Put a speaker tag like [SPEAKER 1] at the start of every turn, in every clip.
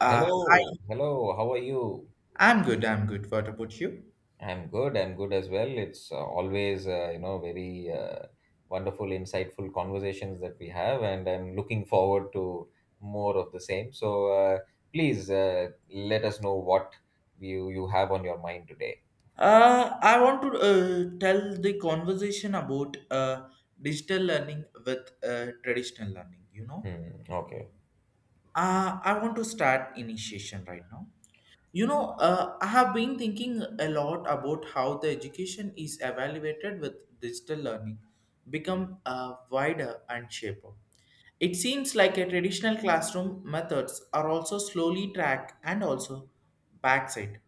[SPEAKER 1] Hello,
[SPEAKER 2] Hi,
[SPEAKER 1] hello. How are you?
[SPEAKER 2] I'm good. I'm good. What about you?
[SPEAKER 1] I'm good. I'm good as well. It's always, very wonderful, insightful conversations that we have, and I'm looking forward to more of the same. Please let us know what you have on your mind today.
[SPEAKER 2] I want to tell the conversation about digital learning with traditional learning. You know,
[SPEAKER 1] Hmm. Okay.
[SPEAKER 2] I want to start initiation right now. You know, I have been thinking a lot about how the education is evaluated with digital learning become wider and shaper. It seems like a traditional classroom methods are also slowly track and also backside.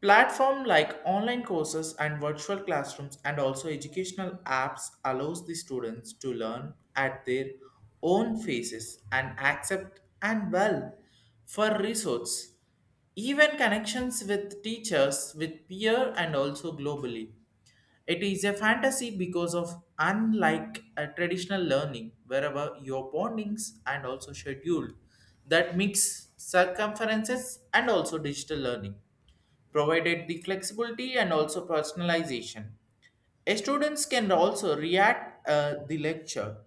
[SPEAKER 2] Platform like online courses and virtual classrooms and also educational apps allows the students to learn at their own paces and accept and well for resource. Even connections with teachers, with peer and also globally. It is a fantasy because of unlike a traditional learning, wherever your bondings and also schedule that mix circumferences and also digital learning provided the flexibility and also personalization. Students can also react the lecture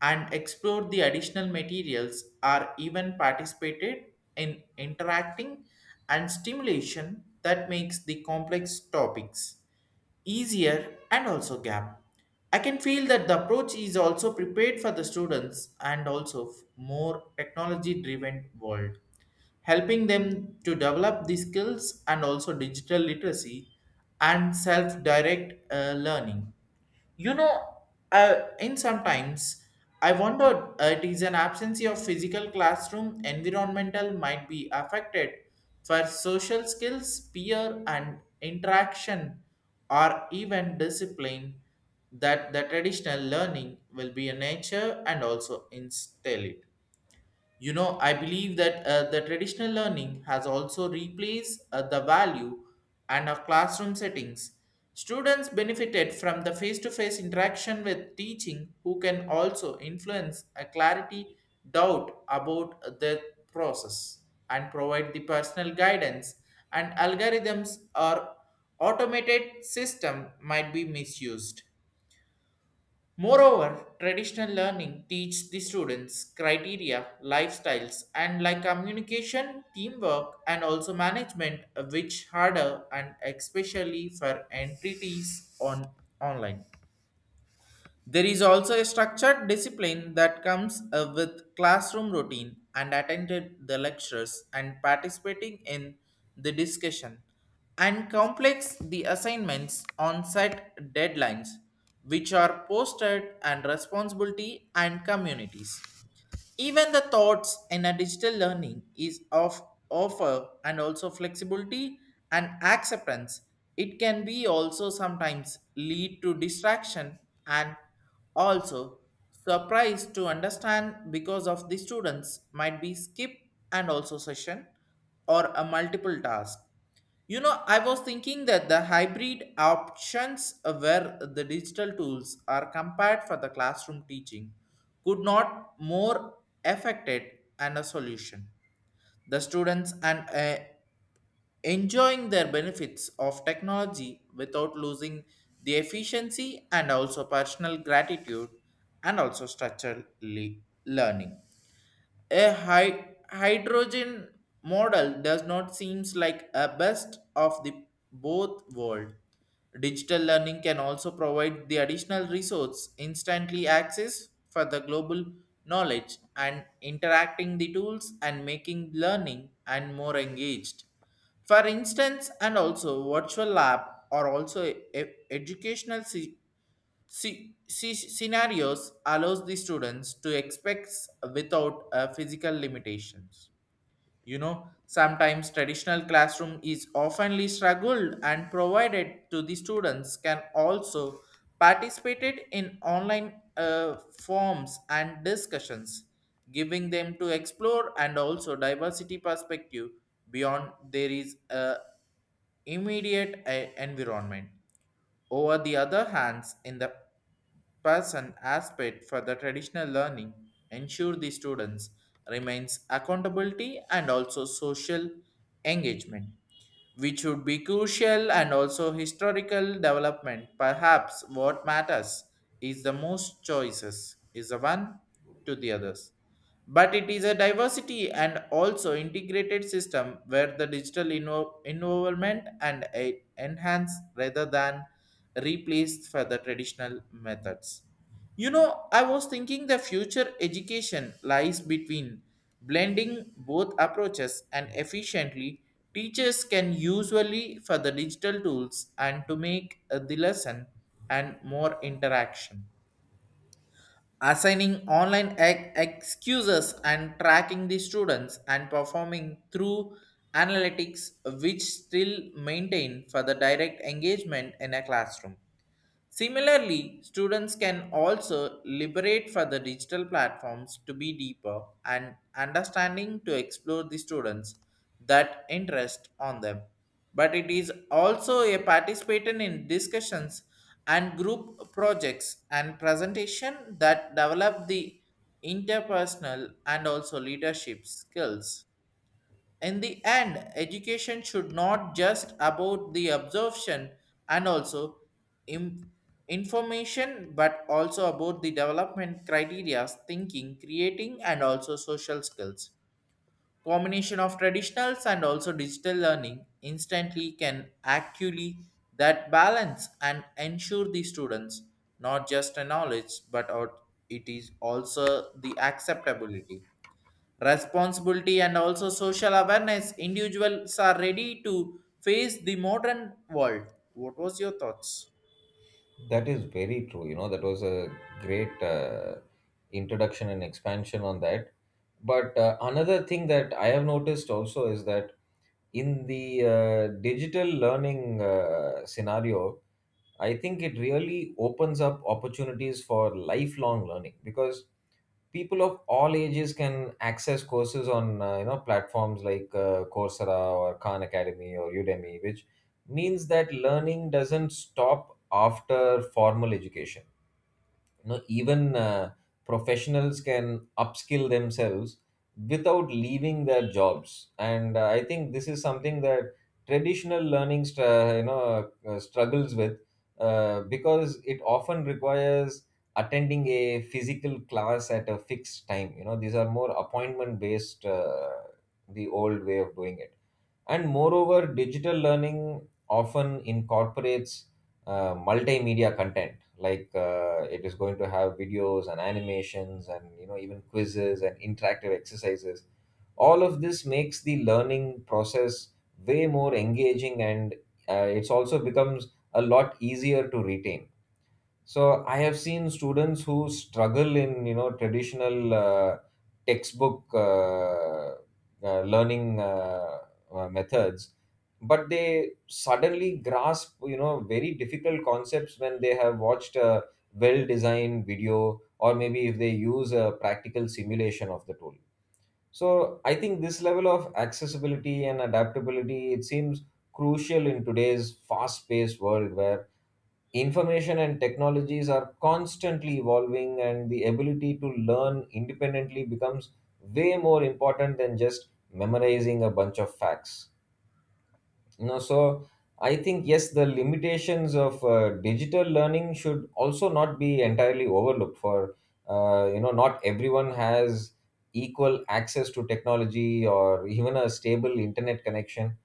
[SPEAKER 2] and explore the additional materials are even participated in interacting and stimulation that makes the complex topics easier and also gap. I can feel that the approach is also prepared for the students and also more technology driven world helping them to develop the skills and also digital literacy and self-direct learning. You know, uh, in sometimes I wondered it is an absence of physical classroom environmental might be affected for social skills, peer and interaction, or even discipline that the traditional learning will be a nature and also instill it. You know, I believe that the traditional learning has also replaced the value and of classroom settings. Students benefited from the face-to-face interaction with teaching who can also influence a clarity doubt about the process and provide the personal guidance and algorithms or automated system might be misused. Moreover, traditional learning teaches the students criteria, lifestyles, and like communication, teamwork, and also management, which harder and especially for entities on online. There is also a structured discipline that comes with classroom routine and attended the lectures and participating in the discussion and complex the assignments on set deadlines which are posted and responsibility and communities. Even the thoughts in a digital learning is of offer and also flexibility and acceptance. It can be also sometimes lead to distraction and also surprise to understand because of the students might be skip and also session or a multiple task. You know, I was thinking that the hybrid options where the digital tools are compared for the classroom teaching could not more affected and a solution. The students and enjoying their benefits of technology without losing the efficiency and also personal gratitude and also structural learning. A hydrogen model does not seems like a best of the both world. Digital learning can also provide the additional resource, instantly access for the global knowledge and interacting the tools and making learning and more engaged. For instance, and also virtual lab are also educational scenarios allows the students to expect without physical limitations. You know, sometimes traditional classroom is oftenly struggled and provided to the students can also participated in online forms and discussions, giving them to explore and also diversity perspective beyond there is a immediate environment over the other hands, in the person aspect for the traditional learning, ensure the students remains accountability and also social engagement, which would be crucial and also historical development. Perhaps what matters is the most choices is the one to the others, but it is a diversity and also integrated system where the digital involvement and enhance rather than replaced for the traditional methods. You know, I was thinking the future education lies between blending both approaches and efficiently teachers can usually for the digital tools and to make the lesson and more interaction, assigning online excuses and tracking the students and performing through analytics, which still maintain for the direct engagement in a classroom. Similarly, students can also liberate for the digital platforms to be deeper and understanding to explore the students that interest on them. But it is also a participant in discussions and group projects and presentation that develop the interpersonal and also leadership skills. In the end, education should not just about the absorption and also im- information, but also about the development criteria thinking creating and also social skills. Combination of traditionals and also digital learning instantly can actually that balance and ensure the students not just a knowledge but it is also the acceptability, responsibility and also social awareness individuals are ready to face the modern world. What was your thoughts?
[SPEAKER 1] That is very true. You know, that was a great introduction and expansion on that. But another thing that I have noticed also is that in the digital learning scenario, I think it really opens up opportunities for lifelong learning because people of all ages can access courses on you know, platforms like Coursera or Khan Academy or Udemy, which means that learning doesn't stop after formal education. You know, even professionals can upskill themselves without leaving their jobs, and I think this is something that traditional learning struggles with, because it often requires attending a physical class at a fixed time. You know, these are more appointment based, the old way of doing it. And moreover, digital learning often incorporates multimedia content, like it is going to have videos and animations, and you know, even quizzes and interactive exercises. All of this makes the learning process way more engaging, and it's also becomes a lot easier to retain. So I have seen students who struggle in you know, traditional textbook learning methods, but they suddenly grasp you know, very difficult concepts when they have watched a well-designed video or maybe if they use a practical simulation of the tool. So I think this level of accessibility and adaptability it seems crucial in today's fast-paced world where information and technologies are constantly evolving, and the ability to learn independently becomes way more important than just memorizing a bunch of facts. You know, so I think yes, the limitations of digital learning should also not be entirely overlooked. For you know, not everyone has equal access to technology or even a stable internet connection,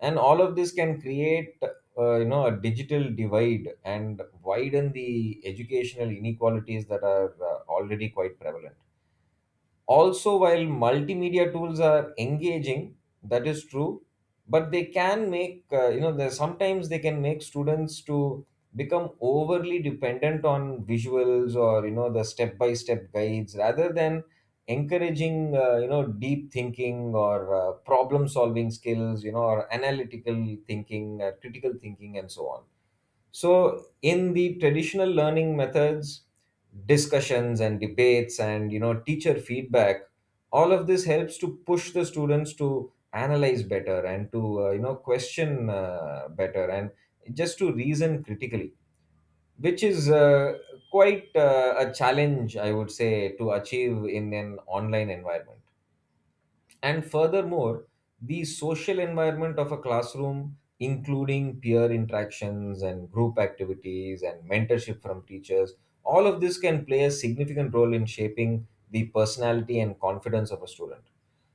[SPEAKER 1] and all of this can create you know, a digital divide and widen the educational inequalities that are already quite prevalent. Also, while multimedia tools are engaging, that is true, but they can make, you know, sometimes they can make students to become overly dependent on visuals or, you know, the step by step guides rather than encouraging, you know, deep thinking or problem solving skills, you know, or analytical thinking, critical thinking, and so on. So in the traditional learning methods, discussions and debates and you know, teacher feedback, all of this helps to push the students to analyze better and to you know, question better, and just to reason critically, which is quite a challenge I would say to achieve in an online environment. And furthermore, the social environment of a classroom, including peer interactions and group activities and mentorship from teachers, all of this can play a significant role in shaping the personality and confidence of a student.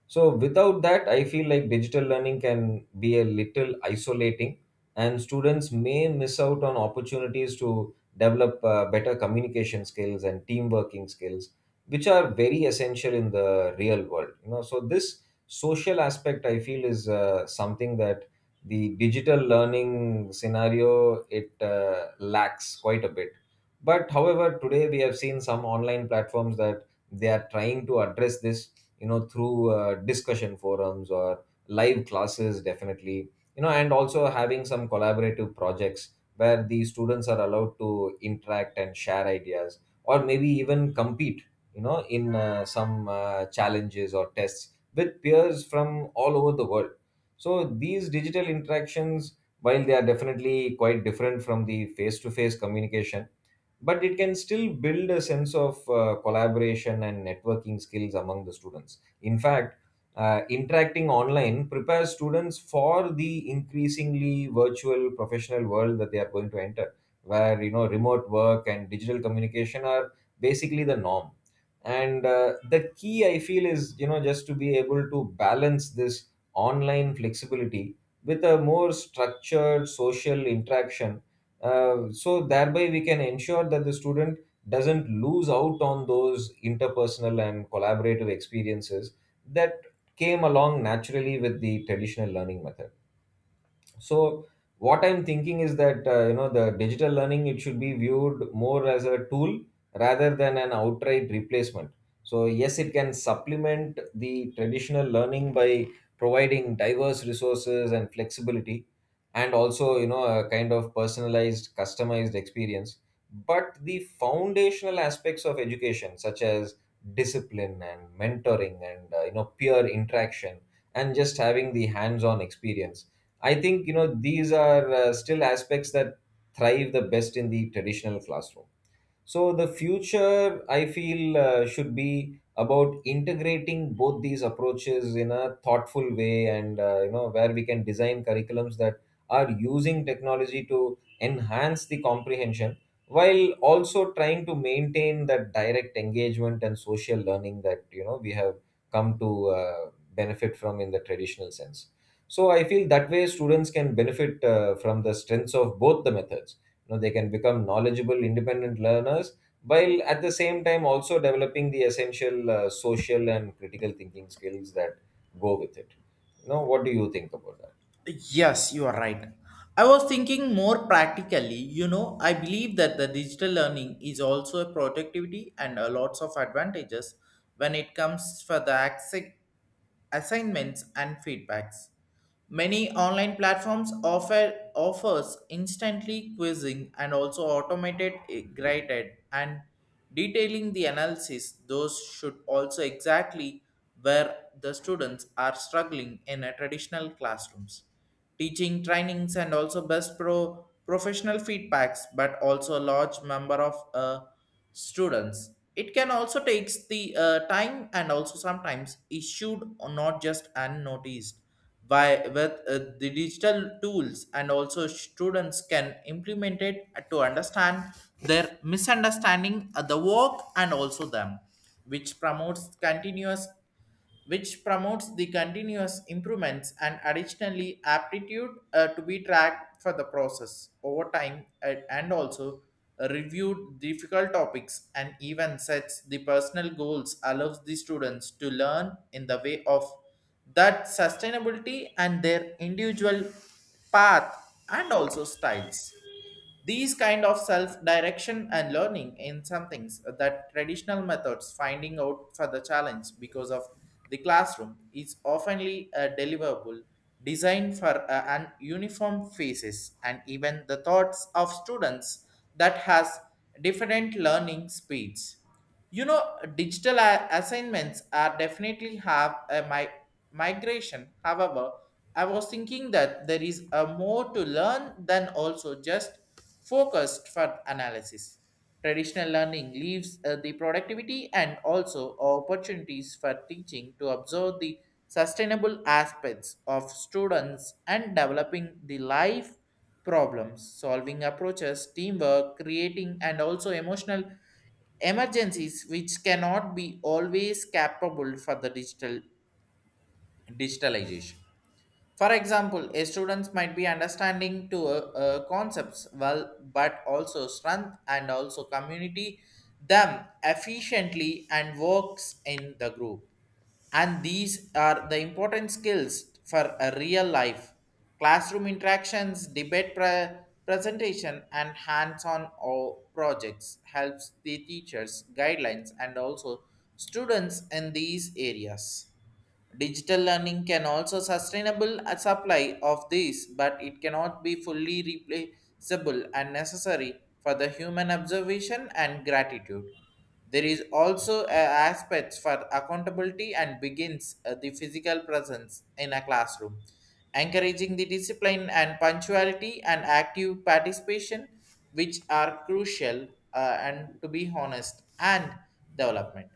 [SPEAKER 1] So without that, I feel like digital learning can be a little isolating, and students may miss out on opportunities to develop better communication skills and team working skills, which are very essential in the real world. You know, so this social aspect I feel is something that the digital learning scenario it lacks quite a bit. But however, today we have seen some online platforms that they are trying to address this you know, through discussion forums or live classes definitely, you know, and also having some collaborative projects where the students are allowed to interact and share ideas, or maybe even compete you know, in some challenges or tests with peers from all over the world. So these digital interactions, while they are definitely quite different from the face to face communication, but it can still build a sense of collaboration and networking skills among the students. In fact, interacting online prepares students for the increasingly virtual professional world that they are going to enter, where you know, remote work and digital communication are basically the norm. And the key I feel is you know, just to be able to balance this online flexibility with a more structured social interaction, so thereby we can ensure that the student doesn't lose out on those interpersonal and collaborative experiences that came along naturally with the traditional learning method. So what I'm thinking is that you know, the digital learning it should be viewed more as a tool rather than an outright replacement. So yes, it can supplement the traditional learning by providing diverse resources and flexibility, and also you know, a kind of personalized customized experience. But the foundational aspects of education such as discipline and mentoring and you know, peer interaction and just having the hands on experience, I think you know, these are still aspects that thrive the best in the traditional classroom. So the future, I feel, should be about integrating both these approaches in a thoughtful way, and you know, where we can design curriculums that are using technology to enhance the comprehension, while also trying to maintain that direct engagement and social learning that you know, we have come to benefit from in the traditional sense. So I feel that way students can benefit from the strengths of both the methods. You know, they can become knowledgeable independent learners while at the same time also developing the essential social and critical thinking skills that go with it. You know, what do you think about that?
[SPEAKER 2] Yes, you are right. I was thinking more practically. You know, I believe that the digital learning is also a productivity and a lots of advantages when it comes for the assignments and feedbacks. Many online platforms offers instantly quizzing and also automated graded and detailing the analysis, those should also exactly where the students are struggling in a traditional classrooms. Teaching trainings and also best professional feedbacks, but also a large number of students. It can also takes the time and also sometimes issued or not just unnoticed why, with the digital tools and also students can implement it to understand their misunderstanding of the work and also them, which promotes continuous which promotes the continuous improvements and additionally aptitude to be tracked for the process over time and also reviewed difficult topics and even sets the personal goals allows the students to learn in the way of that sustainability and their individual path and also styles. These kind of self-direction and learning in some things that traditional methods finding out for the challenge because of the classroom is oftenly a deliverable designed for an uniform faces and even the thoughts of students that has different learning speeds. You know, digital assignments are definitely have a migration. However, I was thinking that there is a more to learn than also just focused for analysis. Traditional learning leaves the productivity and also opportunities for teaching to observe the sustainable aspects of students and developing the life problems solving approaches teamwork creating and also emotional emergencies which cannot be always capable for the digitalization. For example, a students might be understanding to concepts well, but also strength and also community them efficiently and works in the group. And these are the important skills for a real life. Classroom interactions, presentation, and hands-on or projects helps the teachers guidelines and also students in these areas. Digital learning can also sustainable a supply of these, but it cannot be fully replaceable and necessary for the human observation and gratitude. There is also a aspects for accountability and begins the physical presence in a classroom, encouraging the discipline and punctuality and active participation, which are crucial and to be honest and development.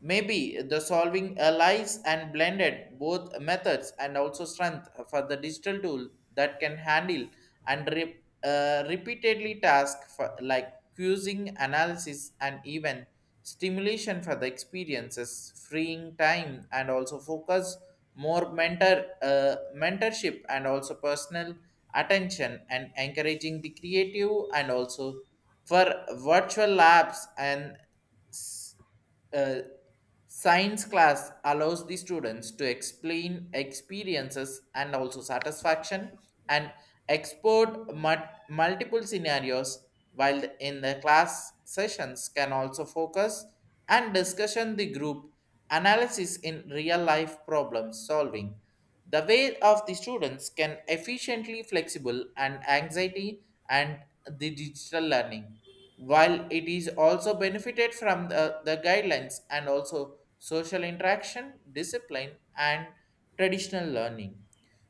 [SPEAKER 2] Maybe the solving allies and blended both methods and also strength for the digital tool that can handle and repeatedly task for like quizzing, analysis, and even stimulation for the experiences, freeing time and also focus more mentorship and also personal attention and encouraging the creative and also for virtual labs and s- uh, Science class allows the students to explain experiences and also satisfaction and export multiple scenarios while in the class sessions can also focus and discussion the group analysis in real life problem solving the way of the students can efficiently flexible and anxiety and the digital learning while it is also benefited from the guidelines and also social interaction, discipline, and traditional learning.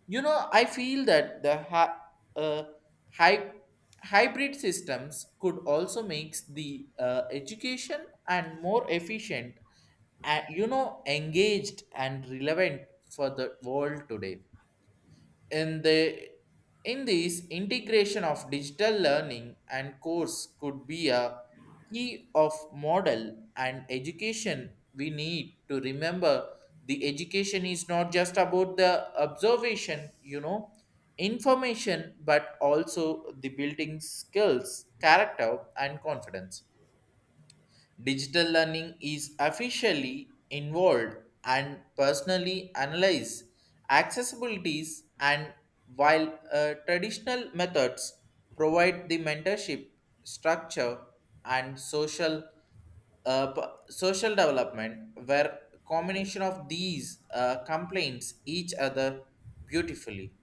[SPEAKER 2] You know, I feel that the uh, hy- hybrid systems could also make the education and more efficient and you know engaged and relevant for the world today in the in this integration of digital learning and course could be a key of model and education. We need to remember the education is not just about the observation, you know, information, but also the building skills character and confidence. Digital learning is officially involved and personally analyze accessibilities and while traditional methods provide the mentorship, structure, and social uh, p- social development where combination of these complaints each other beautifully.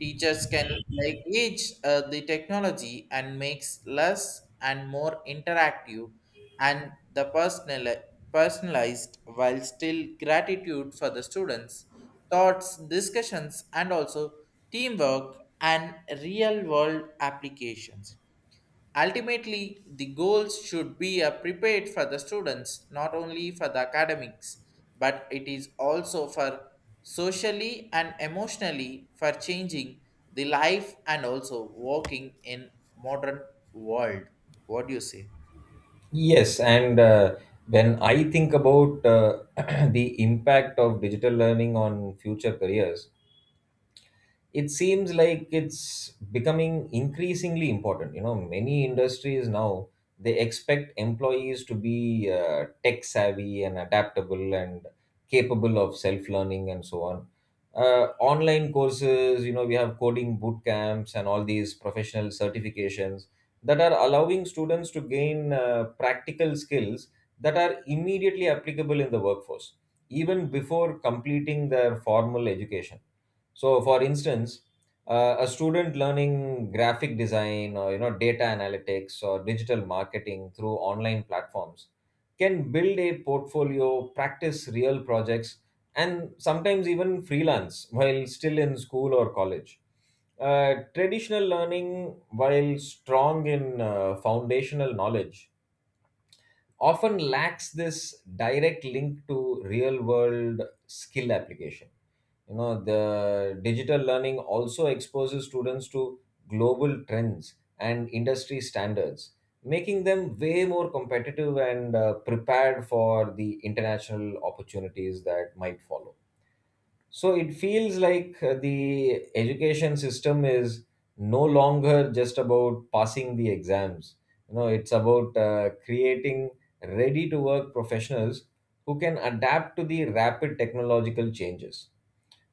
[SPEAKER 2] Teachers can leverage the technology and makes less and more interactive and the personal personalized while still gratitude for the students thoughts discussions and also teamwork and real world applications. Ultimately, the goals should be prepared for the students, not only for the academics, but it is also for socially and emotionally for changing the life and also working in modern world. What do you say?
[SPEAKER 1] Yes, and when I think about the impact of digital learning on future careers, it seems like it's becoming increasingly important. You know, many industries now they expect employees to be tech savvy and adaptable and capable of self learning and so on. Online courses, you know, we have coding boot camps and all these professional certifications that are allowing students to gain practical skills that are immediately applicable in the workforce, even before completing their formal education. So, for instance, a student learning graphic design or you know, data analytics or digital marketing through online platforms can build a portfolio, practice real projects, and sometimes even freelance while still in school or college. Traditional learning, while strong in foundational knowledge, often lacks this direct link to real world skill application. You know, the digital learning also exposes students to global trends and industry standards, making them way more competitive and prepared for the international opportunities that might follow. So it feels like the education system is no longer just about passing the exams. You know, it's about creating ready to work professionals who can adapt to the rapid technological changes.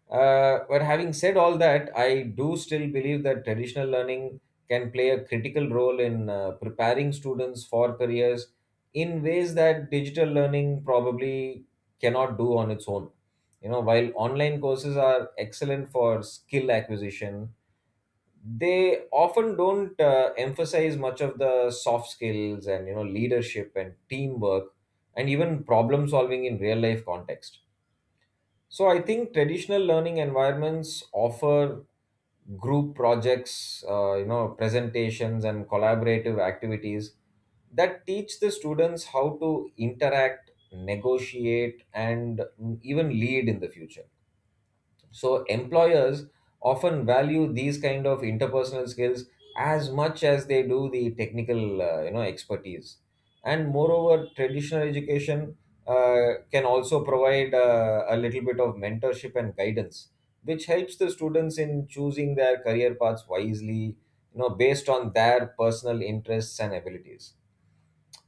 [SPEAKER 1] But having said all that, I do still believe that traditional learning can play a critical role in preparing students for careers in ways that digital learning probably cannot do on its own. You know, while online courses are excellent for skill acquisition, they often don't emphasize much of the soft skills and you know, leadership and teamwork and even problem solving in real life context. So I think traditional learning environments offer group projects, you know, presentations and collaborative activities that teach the students how to interact, negotiate, and even lead in the future. So employers often value these kind of interpersonal skills as much as they do the technical you know, expertise. And moreover, traditional education can also provide a little bit of mentorship and guidance, which helps the students in choosing their career paths wisely, you know, based on their personal interests and abilities.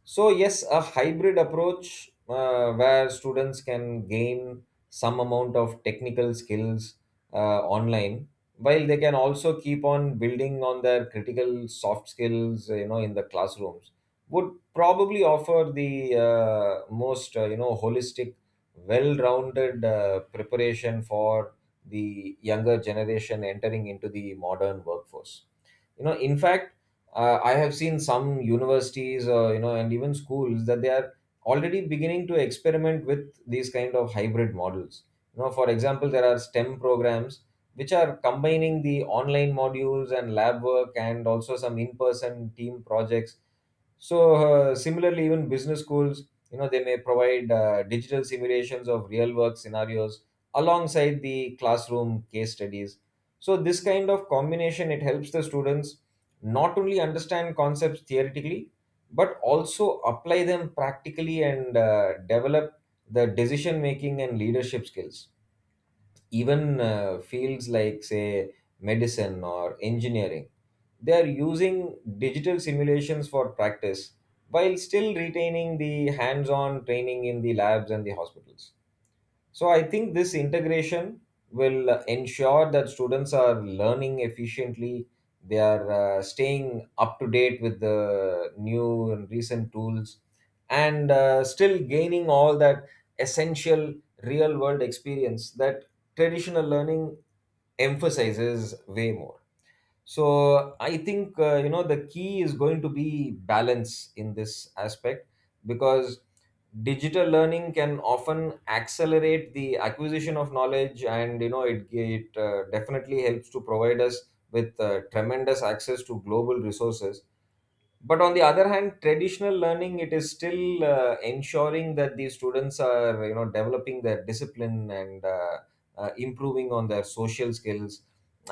[SPEAKER 1] So, yes, a hybrid approach where students can gain some amount of technical skills online, while they can also keep on building on their critical soft skills you know, in the classrooms, would probably offer the most you know, holistic well-rounded preparation for the younger generation entering into the modern workforce. You know, in fact, I have seen some universities you know, and even schools that they are already beginning to experiment with these kind of hybrid models. You know, for example, there are STEM programs which are combining the online modules and lab work and also some in person team projects. So similarly, even business schools, you know, they may provide digital simulations of real work scenarios alongside the classroom case studies. So this kind of combination it helps the students not only understand concepts theoretically but also apply them practically, and develop the decision making and leadership skills. Even fields like say medicine or engineering, they are using digital simulations for practice while still retaining the hands on training in the labs and the hospitals. So I think this integration will ensure that students are learning efficiently, they are staying up to date with the new and recent tools, and still gaining all that essential real world experience that traditional learning emphasizes way more. So I think you know, the key is going to be balance in this aspect, because digital learning can often accelerate the acquisition of knowledge, and you know, it definitely helps to provide us with tremendous access to global resources. But on the other hand, traditional learning it is still ensuring that the students are you know, developing their discipline, and improving on their social skills,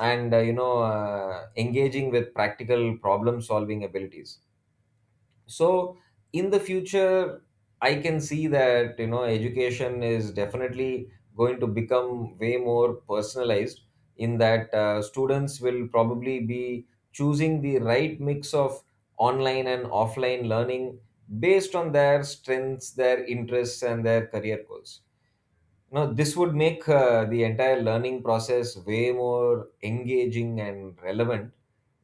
[SPEAKER 1] and you know, engaging with practical problem solving abilities. So in the future, I can see that you know, education is definitely going to become way more personalized, in that students will probably be choosing the right mix of online and offline learning based on their strengths, their interests and their career goals. No, this would make the entire learning process way more engaging and relevant,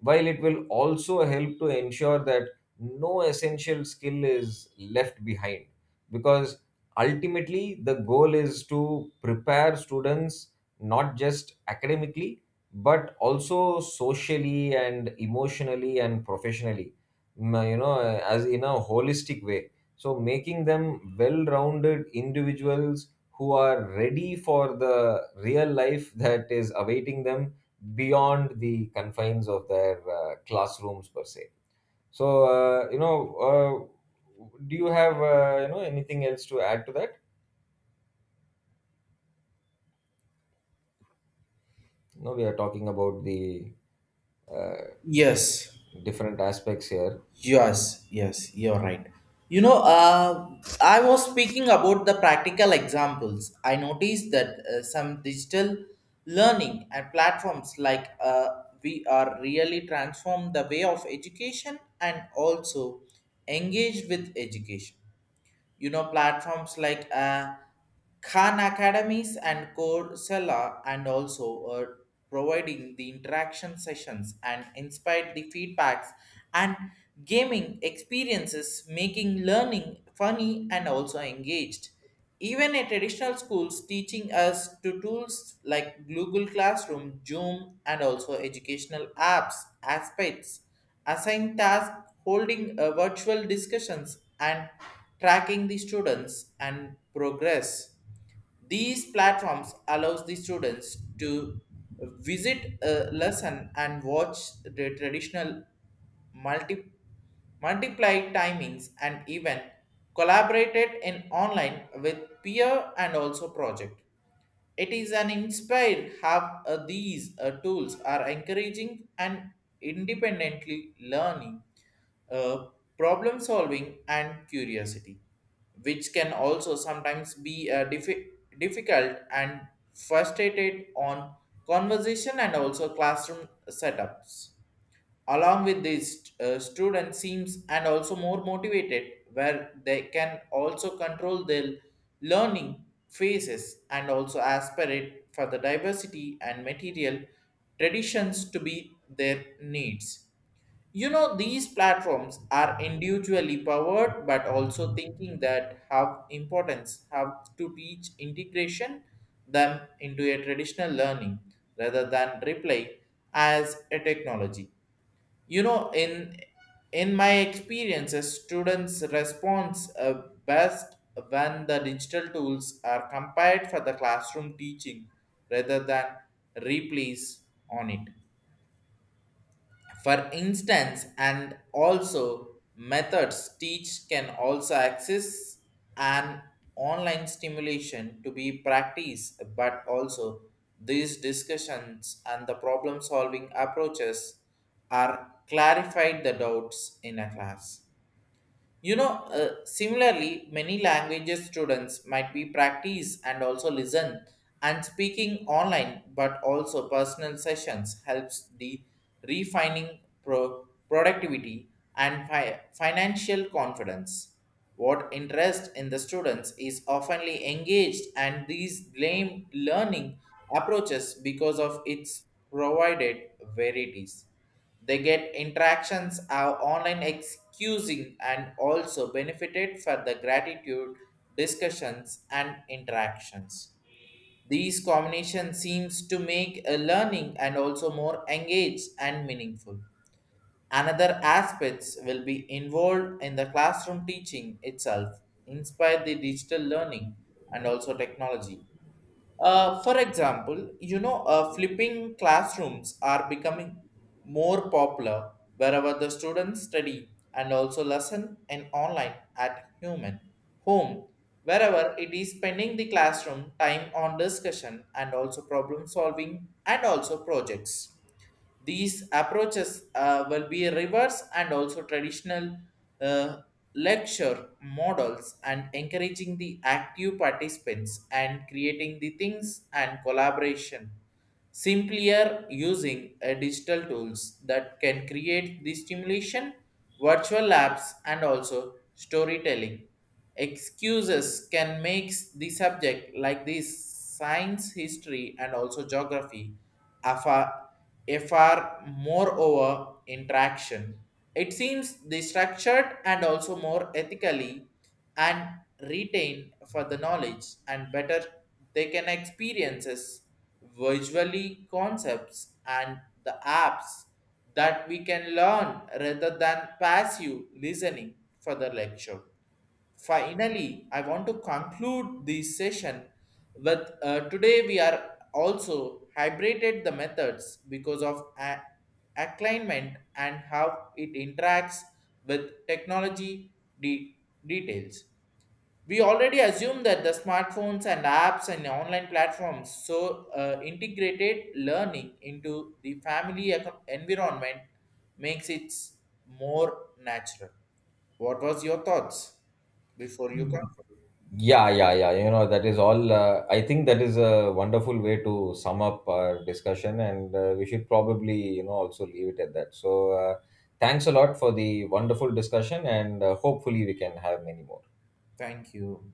[SPEAKER 1] while it will also help to ensure that no essential skill is left behind. Because ultimately, the goal is to prepare students not just academically, but also socially and emotionally and professionally, mm, you know, as in a holistic way. So, making them well rounded individuals who are ready for the real life that is awaiting them beyond the confines of their classrooms per se. So you know, uh, do you have you know, anything else to add to that? You know, we are talking about the uh,
[SPEAKER 2] Yes,
[SPEAKER 1] different aspects here.
[SPEAKER 2] yes, you're right. You know, I was speaking about the practical examples. I noticed that some digital learning and platforms like we are really transformed the way of education and also engaged with education, you know, platforms like Khan Academies and Coursera, and also providing the interaction sessions and inspired the feedbacks and gaming experiences making learning funny and also engaged even a traditional schools, teaching us to tools like Google Classroom, Zoom, and also educational apps, aspects, assign tasks, holding virtual discussions, and tracking the students and progress. These platforms allows the students to visit a lesson and watch the traditional multi, multiplied timings and even collaborated in online with peer and also project. It is an inspired how these tools are encouraging and independently learning, uh, problem solving and curiosity, which can also sometimes be difficult and frustrated on conversation and also classroom setups, along with these student seems and also more motivated where they can also control their learning phases and also aspirate for the diversity and material traditions to be their needs. You know, these platforms are individually powered but also thinking that have importance have to teach integration them into a traditional learning rather than replay as a technology. You know, in my experiences, students responds best when the digital tools are compared for the classroom teaching rather than replays on it. For instance, and also methods teach can also access an online stimulation to be practiced, but also these discussions and the problem solving approaches are clarified the doubts in a class. You know, similarly, many languages students might be practice and also listen and speaking online, but also personal sessions helps the refining productivity and financial confidence. What interest in the students is oftenly engaged, and these blame learning approaches because of its provided varieties. They get interactions are online excusing and also benefited for the gratitude discussions and interactions. These combination seems to make a learning and also more engaged and meaningful. Another aspects will be involved in the classroom teaching itself, inspire the digital learning and also technology. For example, you know, flipping classrooms are becoming more popular wherever the students study and also lesson in online at human home, wherever it is spending the classroom time on discussion and also problem solving and also projects. These approaches will be reverse and also traditional uh, lecture models and encouraging the active participants and creating the things and collaboration simpler using a digital tools that can create the stimulation, virtual apps, and also storytelling. Excuses can make the subject like this science, history, and also geography a far, a far moreover interaction. It seems the structured and also more ethically and retain for the knowledge and better they can experiences visually concepts and the apps that we can learn rather than passive listening for the lecture. Finally, I want to conclude this session with today we are also hybrided the methods because of alignment and how it interacts with technology de- details. We already assume that the smartphones and apps and online platforms so integrated learning into the family environment makes it more natural. What was your thoughts before you come?
[SPEAKER 1] Yeah, yeah, yeah. You know, that is all. I think that is a wonderful way to sum up our discussion, and we should probably, you know, also leave it at that. So, thanks a lot for the wonderful discussion, and hopefully, we can have many more.
[SPEAKER 2] Thank you.